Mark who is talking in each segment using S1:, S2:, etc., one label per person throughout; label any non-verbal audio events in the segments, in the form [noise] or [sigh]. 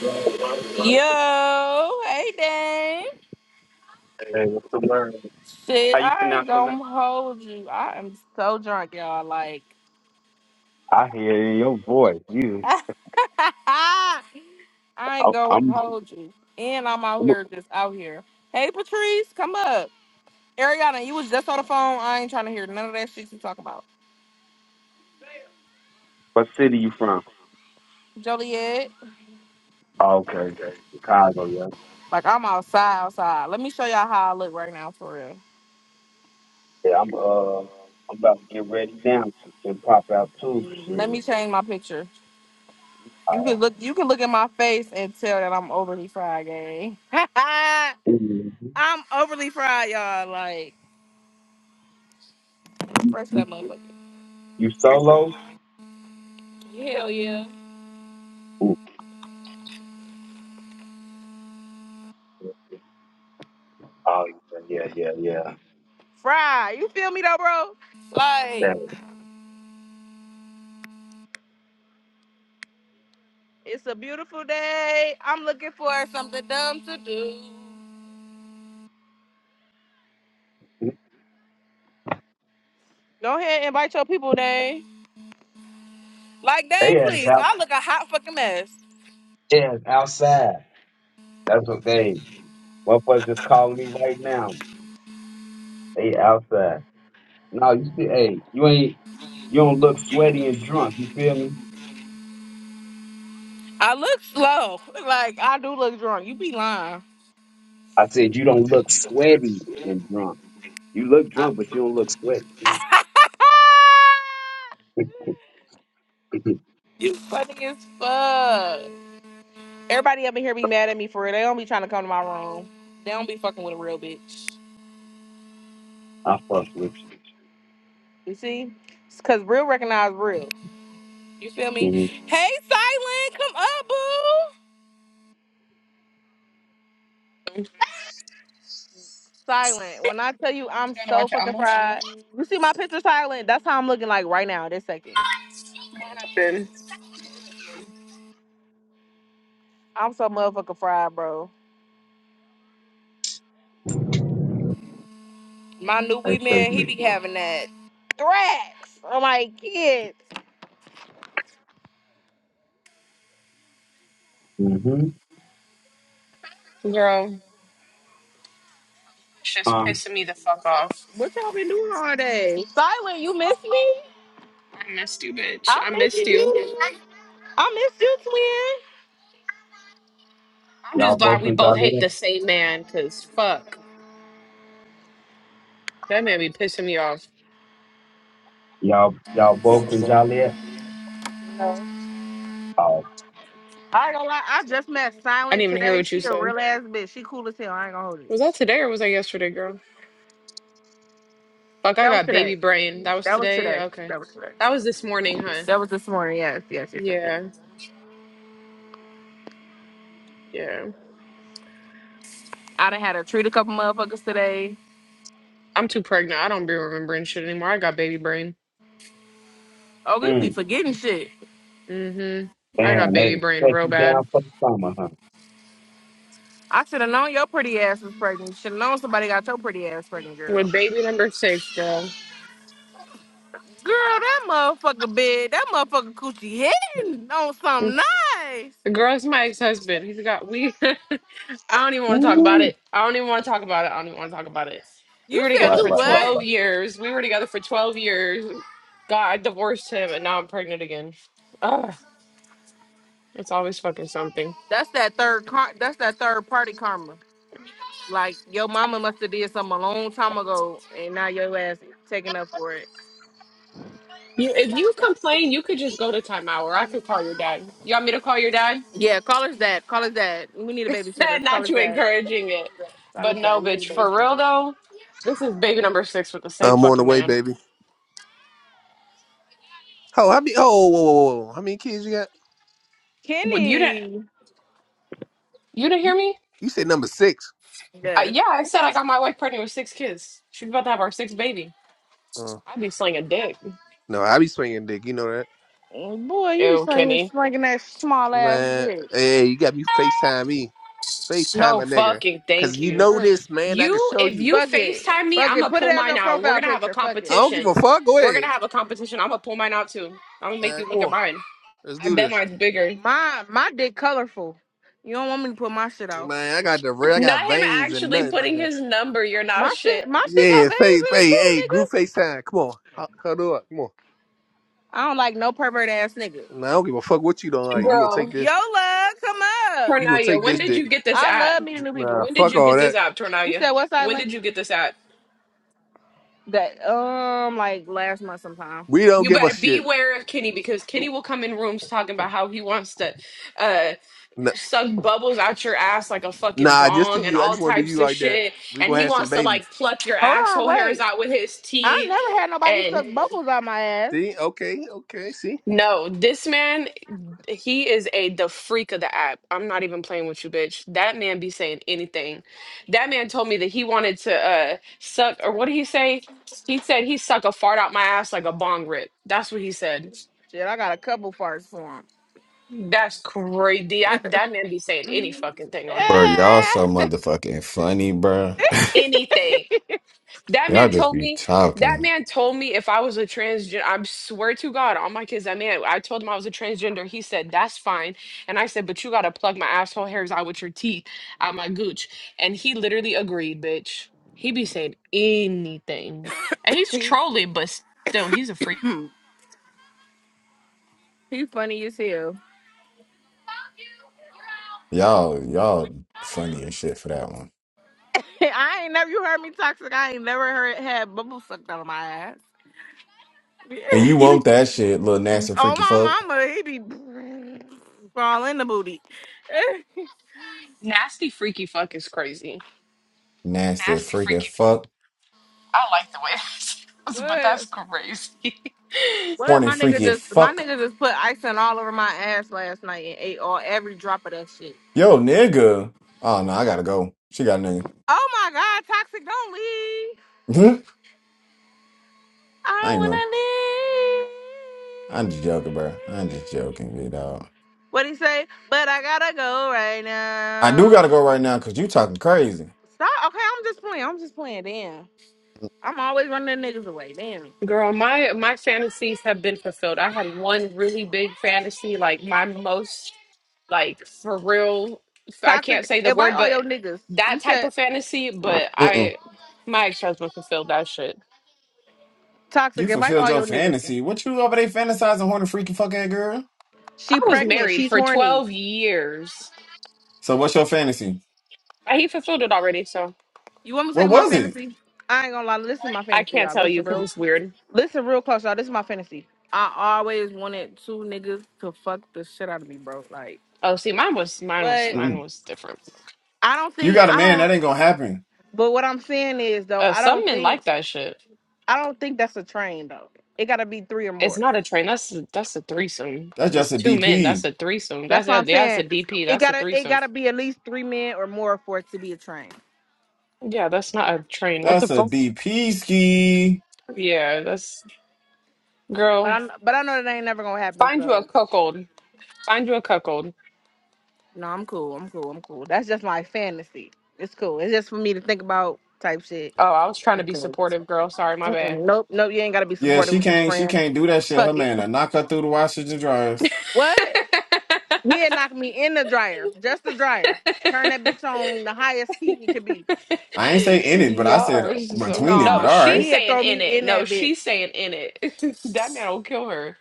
S1: Hey, what's
S2: Yo, hey Dane.
S1: the word? How
S2: Shit,
S1: you
S2: I ain't
S1: pronounce your name?
S2: gonna hold you. I am so drunk, y'all. Like,
S1: I hear it in your voice.
S2: [laughs]
S1: You,
S2: I
S1: I,
S2: ain't gonna
S1: I'm,
S2: hold you. And I'm out
S1: I'm.
S2: here, just out here. Hey Patrice, come up. Ariana, you was just on the phone. I ain't trying to hear none of that shit you talking about.
S1: What city you from?
S2: Joliet,
S1: Oh, okay, Chicago. Yeah.
S2: like I'm outside, outside. Let me show y'all how I look right now, for real.
S1: Yeah. I'm. Uh, I'm about to get ready now and pop out too.
S2: Let me
S1: Shit.
S2: change my picture. You
S1: All
S2: can look, you can look at my face and tell that I'm overly fried, gang. [laughs]
S1: right. Mhm.
S2: I'm overly fried, y'all. Like,
S1: You,
S2: fresh
S1: you,
S2: that motherfucker.
S1: you solo?
S2: Hell yeah.
S1: Ooh. Oh yeah, yeah, yeah.
S2: Fried. You feel me though, bro? Like,
S1: yeah.
S2: it's a beautiful day. I'm looking for something dumb to do.
S1: They
S2: Go ahead and invite your people, Dane. Like, Dane,
S1: they ass
S2: please.
S1: out.
S2: I look a hot fucking mess.
S1: They ass outside. That's what they. Motherfuckers just calling me right now. They outside. No, you see, hey, you ain't you don't look sweaty and drunk. You feel me?
S2: I look slow. [laughs] Like, I do look drunk. You be lying.
S1: I said you don't look sweaty and drunk. You look
S2: I-
S1: drunk, but you don't look sweaty. [laughs] I
S2: [laughs] you funny as fuck. Everybody up in here be mad at me for real. They don't be trying to come to my room. They don't be fucking with a real bitch.
S1: fucks with you.
S2: You see? It's cause real recognize real. You feel me?
S1: Mm-hmm.
S2: Hey Silent, come up, boo. Silent. When I tell you I'm
S3: Gotta
S2: so
S3: watch
S2: fucking
S3: almost
S2: fried. You see my picture silent? That's how I'm looking like right now, this second.
S3: happen.
S2: I'm so motherfucking fried, bro. My new
S1: I
S2: weed
S1: say
S2: man, he
S1: you.
S2: be having that threats. I'm like, kids.
S1: Mm-hmm.
S3: Girl, it's just
S1: Um,
S3: pissing me the fuck off.
S2: What y'all been doing all day? Silent, you miss me?
S3: I missed you, bitch.
S2: I
S3: I
S2: miss
S3: missed
S2: you.
S3: you.
S2: dude. I miss you, twin.
S3: I'm just
S1: y'all
S3: glad
S1: both
S3: we
S1: in
S3: both
S1: Joliet.
S3: hate the same man, cause fuck. That man be pissing me off.
S1: Y'all y'all both in Joliet.
S2: I
S1: Oh,
S2: ain't gonna lie, I just met
S3: I
S2: Silent
S3: didn't even hear
S2: today.
S3: what you
S2: She a
S3: said.
S2: real ass bitch. She cool as hell. I ain't gonna hold it.
S3: Was that today or was that yesterday, girl? Fuck, I
S2: That was
S3: got
S2: today.
S3: baby brain. That was
S2: That was
S3: today?
S2: today.
S3: Okay.
S2: That was today.
S3: That was this morning, huh?
S2: That was this morning. Yes, yes, yes, yes. yes.
S3: Yeah, yeah.
S2: I done had to treat a couple motherfuckers today.
S3: I'm too pregnant. I don't be remembering shit anymore. I got baby brain.
S2: Oh, you be
S1: mm,
S2: forgetting shit.
S3: Mm-hmm. I got
S1: damn, they
S3: baby brain
S1: set
S3: real
S1: you down
S3: bad.
S1: for the summer, huh?
S2: I should have known your pretty ass was pregnant. Should have known somebody got your pretty ass pregnant, girl.
S3: With baby number six, girl.
S2: Girl, that motherfucker bed, that motherfucker coochie hitting on something nice.
S3: The girl's my ex-husband. He's got we. [laughs] I don't even want to talk about
S1: Ooh,
S3: it. I don't even want to talk about it. I don't even want to talk about it. We
S2: You
S3: were
S2: said
S3: together
S1: Right,
S2: you
S3: for
S1: right, right, right.
S2: what?
S3: twelve years. We were together for twelve years. God, I divorced him, and now I'm pregnant again. Ugh, it's always fucking something.
S2: That's that third car. That's that third party karma. Like your mama must have did something a long time ago, and now your ass taking up for it.
S3: You, if you complain, you could just go to timeout, or I could call your dad. You want me to call your dad?
S2: Yeah, call us dad. Call us dad. We need a
S3: [laughs]
S2: babysitter. Call
S3: Not
S2: us
S3: you
S2: dad.
S3: encouraging it,
S2: Call
S3: but
S2: us
S3: no,
S2: dad. We need a
S3: bitch. For real
S2: babysitter.
S3: though, this is baby number six with the same
S4: I'm on the
S3: fucking
S4: way,
S3: man.
S4: baby. Oh, I be. Oh, whoa, whoa, whoa. whoa. How many kids you got?
S3: What- You didn't.
S2: Kenny.
S3: You didn't hear me?
S4: You said number six.
S3: I,
S2: Yes.
S3: yeah, I said I got my wife pregnant with six kids. She's about to have our sixth baby.
S4: Uh,
S3: I'd be slinging dick.
S4: no, I be swinging dick. You know that,
S2: Mm, Boy, you be
S3: Ew,
S2: slinging,
S3: Kenny.
S2: slinging that small ass
S4: man.
S2: dick.
S4: Hey, you got me Facetime me.
S3: No
S4: Facetime a nigga,
S3: fucking
S4: cause
S3: thank
S4: you
S3: you.
S4: know
S2: Uh-uh.
S4: this, man. I can
S3: You,
S4: show
S3: if
S4: you.
S3: you
S2: Fuck it.
S3: FaceTime me,
S2: Fuck
S3: I'm
S2: it.
S3: gonna
S2: Put it
S3: pull
S2: as
S3: mine
S2: your
S3: out. We're
S2: profile
S3: gonna have a
S2: picture. Fuck
S4: I
S2: it.
S4: don't give a
S3: competition.
S4: fuck. Go
S3: We're
S4: ahead.
S3: gonna have a competition. I'm gonna pull mine out too. I'm gonna make
S4: Uh,
S3: you
S4: come
S3: look at
S4: on,
S3: mine.
S4: let's
S3: I
S4: do
S3: bet
S4: this,
S3: mine's bigger.
S2: My my dick colorful. You don't want me to put my shit out.
S4: man. I got the real. I got
S3: Not him
S4: veins and
S3: actually
S4: nothing,
S3: putting
S4: man.
S3: his number. You're not
S2: My
S3: shit.
S2: shit, my shit got
S4: Yeah,
S2: veins
S4: face,
S2: in it
S4: hey,
S2: too,
S4: hey,
S2: nigga.
S4: group Facetime. Come on, H- huddle up. Come on.
S2: I don't like no pervert ass nigga.
S4: Nah, I don't give a fuck what you don't like. You gonna
S3: Girl,
S4: take this?
S2: Yola, come up.
S4: You gonna
S3: Tornaya,
S4: take
S3: when
S4: this
S3: did
S4: dick?
S3: you get this
S2: I
S3: at?
S2: love meeting new
S4: Nah,
S2: people.
S3: When did
S4: fuck
S3: you
S4: all
S3: get this
S4: that.
S3: app,
S2: You
S3: Tornaya?
S2: said what
S3: When
S2: silent?
S3: did you get this app?
S2: That um like last month sometime.
S4: We don't
S3: You
S4: give a
S3: better
S4: shit.
S3: beware of Kenny because Kenny will come in rooms talking about how he wants to uh,
S4: Nah,
S3: suck bubbles out your ass like a fucking
S4: Nah, just to
S3: bong and
S4: you. I
S3: all
S4: just want to do
S3: types
S4: you
S3: of
S4: like that.
S3: shit.
S4: We
S3: And
S4: gonna
S3: he
S4: have some
S3: wants to
S4: babies.
S3: like pluck your
S2: Hold on,
S3: asshole hairs
S2: wait.
S3: out with his
S2: I
S3: teeth.
S2: never had nobody
S3: And
S2: suck bubbles on my ass.
S4: See? Okay, okay. See?
S3: no, this man, he is a the freak of the app. I'm not even playing with you, bitch. That man be saying anything. That man told me that he wanted to uh, suck, or what did he say? He said he suck a fart out my ass like a bong rip. That's what he said.
S2: Shit, I got a couple farts for him.
S3: That's crazy. I, that man be saying any fucking thing on
S5: Bro,
S3: here.
S5: y'all
S2: Ah!
S5: so
S2: [laughs]
S5: motherfucking funny, bro.
S3: Anything.
S5: [laughs]
S3: That
S5: Y'all
S3: man
S5: just
S3: told
S5: be
S3: me. That
S5: talking.
S3: man told me if I was a transgender, I swear to God, all my kids. That man, I told him I was a transgender. He said that's fine, and I said, but you gotta plug my asshole hairs out with your teeth, out my gooch, and he literally agreed, bitch. He be saying anything, and he's
S2: he
S3: trolling, but still, he's a freak.
S2: he funny as hell.
S5: Y'all, y'all funny as shit for that one.
S2: [laughs] I ain't never you heard me toxic. I ain't never heard had bubbles sucked out of my ass.
S5: And you
S2: [laughs] He
S5: want
S2: be-
S5: that shit, little nasty
S2: oh
S5: freaky
S2: my
S5: fuck.
S2: mama, he be [laughs] all in the booty.
S3: Nasty freaky fuck is crazy.
S5: Nasty
S3: Nasty
S5: freaky
S3: freaky fuck.
S5: fuck.
S3: I like the way [laughs]
S2: [laughs]
S3: that sounds, but
S2: what?
S3: that's crazy.
S2: What
S5: Horny
S2: my nigga
S5: freaky
S2: just my
S5: fuck.
S2: nigga just put icing all over my ass last night and ate all every drop of that shit.
S5: Yo, nigga. Oh no, I gotta go. She got a
S2: Oh my god, toxic, don't leave.
S5: nigga.
S2: I
S5: [laughs] I
S2: don't
S5: ain't
S2: wanna
S5: know. I'm just joking, bro. I'm just
S2: leave.
S5: joking, you dog.
S2: What he say? But I gotta go right
S5: I do gotta
S2: now.
S5: go right now because you talking crazy.
S2: Stop. Okay, I'm just playing. I'm just playing. Damn. I'm always running the niggas away. Damn.
S3: Girl, my my fantasies have been fulfilled. I had one really big fantasy, like my most like for real. I can't
S2: Toxic,
S3: say the
S2: invite
S3: word,
S2: all your
S3: but
S2: niggas. You
S3: that type
S2: said
S3: of fantasy. But
S5: Mm-mm.
S3: I, my ex husband fulfilled that shit.
S2: toxic,
S5: You
S2: invite
S5: fulfilled
S2: all
S5: your
S2: your niggas.
S5: fantasy. What you over there fantasizing horny freaky fuck ass girl?
S3: I
S2: She
S3: was
S2: pregnant.
S3: married
S2: She's
S3: for
S2: horny.
S3: twelve years.
S5: So what's your fantasy?
S3: Uh, He fulfilled it already, so
S2: You want me to take
S5: What
S2: my
S5: was
S2: fantasy? I ain't gonna lie. Listen to my
S3: I
S2: fantasy,
S3: can't
S2: y'all.
S3: tell you
S2: Listen
S3: because
S2: real,
S3: it's weird.
S2: listen real close, y'all. This is my fantasy. I always wanted two niggas to fuck the shit out of me, bro. Like
S3: Oh, see, mine was mine was
S2: what?
S5: it?
S3: mine was different.
S2: I don't
S5: You
S2: think
S5: got a
S2: I
S5: man, that
S2: don't.
S5: ain't gonna happen.
S2: But what I'm saying is though,
S3: Uh,
S2: I
S3: some
S2: don't
S3: men
S2: think
S3: like that shit.
S2: I don't think that's a train though. It gotta be three or
S3: It's
S2: more.
S3: not a train. That's a, that's a threesome.
S5: That's just
S3: It's
S5: a
S3: two men. That's
S5: DP.
S3: a threesome.
S2: That's
S3: That's
S2: what
S3: a,
S2: I'm
S3: that's a
S2: saying.
S3: DP.
S2: It
S3: That's a
S2: gotta it
S3: threesome.
S2: gotta be at least three men or more for it to be a train.
S3: Yeah, that's not a train. What the
S5: That's a
S3: fuck?
S5: DP ski.
S3: Yeah, that's
S2: But
S3: girl.
S2: I but I know that ain't never gonna happen.
S3: Find you a
S2: So
S3: cuckold. Find you a cuckold.
S2: no, I'm cool. I'm cool. I'm cool. That's just my fantasy. It's cool. It's just for me to think about type shit.
S3: Oh, I was trying to be
S2: Mm-mm,
S3: supportive, girl. Sorry, my bad.
S2: nope, nope. You ain't gotta be
S5: Yeah,
S2: supportive
S5: she
S2: with these
S5: can't she
S2: friends.
S5: can't do that shit. Her
S2: Fuck it.
S5: man will knock her through the washers and dryers.
S2: What? He'd knock me in the dryer, just the dryer. Turn that bitch on the highest heat it could be.
S5: I ain't say
S3: [laughs]
S5: in it, but I
S3: Y'all
S5: said
S3: are so
S5: between it, but
S3: no.
S2: Nah,
S5: all
S3: She's
S5: right.
S2: he'd
S3: saying
S2: throw me
S3: in it.
S2: in
S3: No,
S2: that
S3: she's
S2: bitch.
S3: saying in it. [laughs] that man will kill her.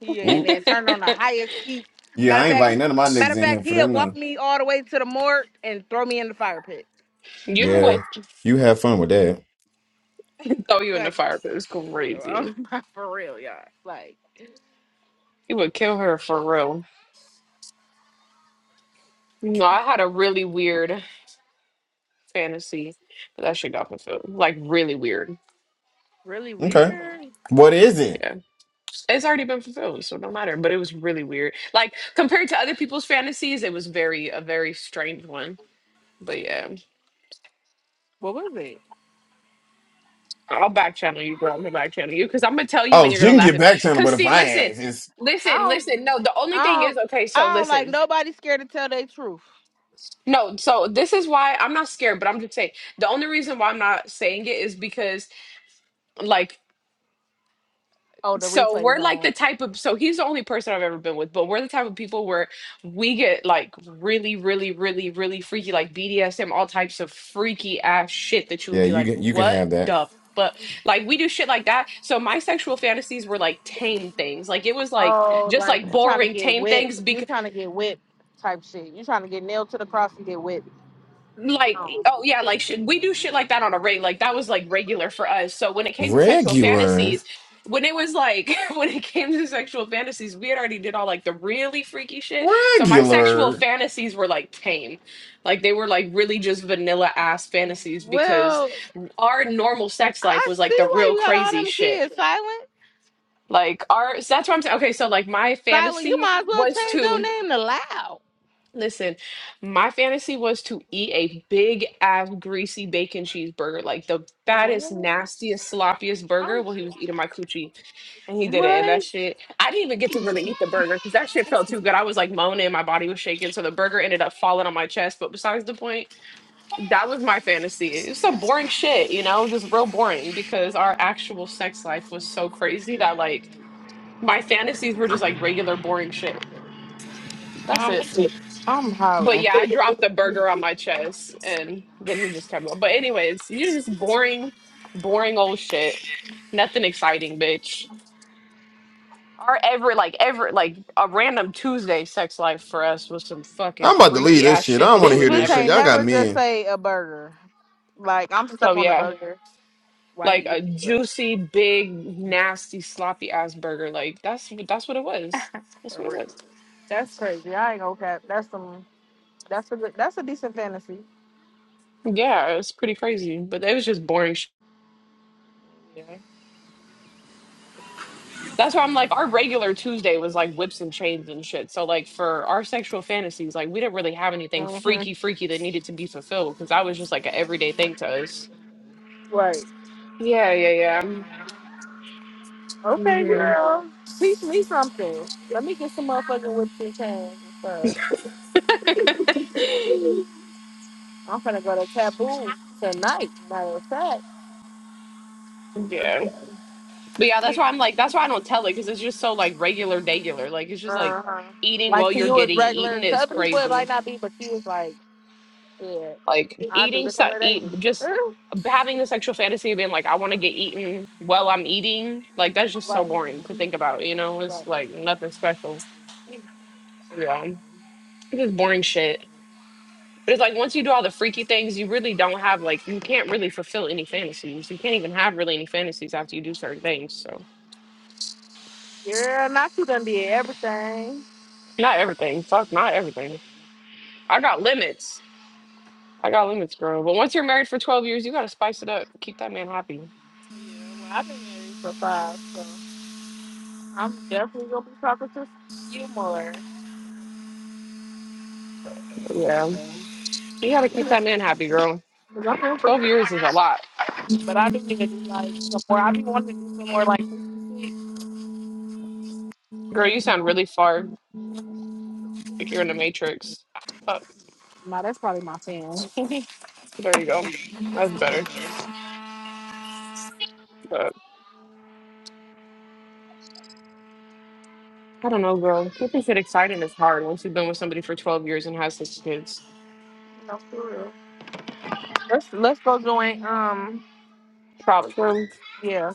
S2: Yeah,
S3: [laughs]
S2: and
S5: Ooh.
S2: then turn on the highest heat.
S5: Yeah,
S2: Matter
S5: I
S2: of
S5: ain't
S2: fact,
S5: inviting none of my
S2: matter
S5: niggas
S2: of
S5: in
S2: fact,
S5: here for
S2: he'd
S5: them
S2: walk
S5: to
S2: me all the way to the morgue and throw me in the fire pit.
S3: you know
S5: Yeah.
S3: what?
S5: You have fun with that.
S3: [laughs] Throw you in the
S2: Fuck
S3: fire.
S2: it.
S3: It It's crazy.
S2: [laughs] For real, y'all. Like
S3: He would kill her for real. No, I had a really weird fantasy, but that shit got fulfilled. Like really weird.
S2: really weird.
S5: Okay. What is it?
S3: Yeah. it's already been fulfilled, so no matter. But it was really weird. Like compared to other people's fantasies, it was very a very strange one. But yeah.
S2: What was it?
S3: I'll back channel you, girl. I'm gonna back channel you because I'm gonna tell you and
S5: Oh,
S3: you're
S5: she
S3: gonna
S5: can
S3: laugh
S5: get
S3: at
S5: back to him,
S3: cause
S5: but if
S3: see,
S5: I
S3: listen,
S5: ask, it's
S2: I
S3: listen,
S2: don't,
S3: listen. No, the only
S2: I
S3: thing is
S2: don't,
S3: okay, so
S2: I don't like
S3: listen.
S2: nobody scared to tell their truth.
S3: No, so this is why I'm not scared, but I'm just saying the only reason why I'm not saying it is because like
S2: Oh, the
S3: so
S2: replay's
S3: we're like the
S2: on.
S3: type of so he's the only person I've ever been with, but we're the type of people where we get like really, really, really, really freaky, like BDSM, all types of freaky ass shit that you would
S5: Yeah,
S3: be
S5: you
S3: like,
S5: can you can
S3: what
S5: have that.
S3: the fuck? Like we do shit like that. So my sexual fantasies were like tame things. Like it was like
S2: Oh,
S3: just
S2: like
S3: like
S2: trying to
S3: boring
S2: get
S3: tame
S2: whipped.
S3: things
S2: You trying to get whipped type shit. You trying to get nailed to the cross and get whipped.
S3: like e,
S2: Oh.
S3: oh yeah like shit, we do shit like that on a reg like that was like regular for us so when it came to sexual
S5: Regular.
S3: fantasies when it was like [laughs] when it came to sexual fantasies we had already did all like the really freaky shit so my sexual
S5: Regular.
S3: fantasies were like tame like they were like really just vanilla ass fantasies because
S2: Well,
S3: our normal sex life
S2: I
S3: was like
S2: see
S3: the
S2: why
S3: real
S2: you got
S3: crazy
S2: all them
S3: shit
S2: kids, Silent.
S3: like our so that's what i'm saying okay so like my
S2: Silent, you
S3: fantasy
S2: might as well
S3: was
S2: change your
S3: to
S2: name to Loud.
S3: Listen, my fantasy was to eat a big ass greasy bacon cheeseburger, like the fattest,
S2: What?
S3: nastiest, sloppiest
S2: I'm
S3: burger while he was eating my coochie. And he did it. And that
S2: what?
S3: shit, I didn't even get to really eat the burger because that shit felt too good. I was like moaning, my body was shaking. So the burger ended up falling on my chest. But besides the point, that was my fantasy. It was some boring shit, you know, just real boring because our actual sex life was so crazy that like my fantasies were just like regular boring shit. That's
S2: I'm
S3: it.
S2: sick. I'm
S3: But
S2: hollering.
S3: yeah, I dropped the burger on my chest and then he just kept going. But anyways, you're just boring, boring old shit. Nothing exciting, bitch. Our ever like ever like a random Tuesday sex life for us was some fucking
S5: I'm about to leave
S3: freaky
S5: this
S3: ass
S5: shit. I
S3: shit
S5: don't
S3: that
S5: want
S3: you
S5: to
S2: This
S5: hear
S3: would
S5: this
S2: bitch
S3: never
S5: shit.
S2: ain't
S5: Y'all got
S2: never
S3: expect.
S2: just
S5: men.
S2: say a burger. Like I'm
S3: So
S2: stuck on the
S3: yeah,
S2: burger while he
S3: like a
S2: eats stuff.
S3: juicy, big, nasty, sloppy ass burger. Like that's that's what it was. That's
S2: For
S3: what it
S2: real.
S3: was.
S2: That's crazy. I ain't gonna cap. That's some. That's a good, that's a decent fantasy.
S3: Yeah, it was pretty crazy. But it was just boring shit.
S2: Yeah.
S3: That's why I'm like, our regular Tuesday was like whips and chains and shit. So like for our sexual fantasies, like we didn't really have anything
S2: hmm
S3: freaky, freaky that needed to be fulfilled because that was just like an everyday thing to us.
S2: Right.
S3: Yeah, yeah, yeah.
S2: Okay,
S3: hmm
S2: girl. Teach me something. Let me get some motherfucking whips and chains and stuff.
S3: [laughs]
S2: I'm finna go to Taboo tonight. Matter of fact.
S3: yeah,
S2: Uh
S3: but yeah, that's why I'm like, that's why I don't tell it because it's just so like regular, regular. Like it's just like
S2: huh.
S3: eating while
S2: Like to
S3: you're
S2: you, it's
S3: getting
S2: regular.
S3: eaten
S2: To
S3: is
S2: other people, it
S3: crazy.
S2: might not be, but she was like, yeah,
S3: Like
S2: I do
S3: eating,
S2: this
S3: so
S2: on a
S3: eat
S2: daily.
S3: just
S2: [laughs]
S3: having the sexual fantasy of being like, I want to get eaten while I'm eating. Like that's just so
S2: right.
S3: boring to think about. You know,
S2: Right.
S3: it's like nothing special. Yeah, it's just boring shit. But it's like once you do all the freaky things, you really don't have like you can't really fulfill any fantasies. You can't even have really any fantasies after you do certain things. So
S2: Yeah, not you done did everything.
S3: not everything. Fuck, not everything. I got limits. I got limits, girl. But once you're married for twelve years, you gotta spice it up. Keep that man happy.
S2: Yeah, well, I've been married for five, so I'm definitely gonna be talking to you more.
S3: Yeah,
S2: 'Cause
S3: you gotta keep that man happy, girl.
S2: I'm real pretty
S3: 12 years is a
S2: much,
S3: lot.
S2: But I do need to do like some more. I be wanting to do some more like freaky shit.
S3: Girl, you sound really far. Like you're in the Matrix. Fuck.
S2: Nah, that's probably my fan. [laughs]
S3: There you go. That's better. But I don't know, girl. Keeping shit exciting is hard once you've been with somebody for 12 years and has six kids.
S2: No, for real. Let's let's go join. Um,
S3: Props yeah.
S2: yeah.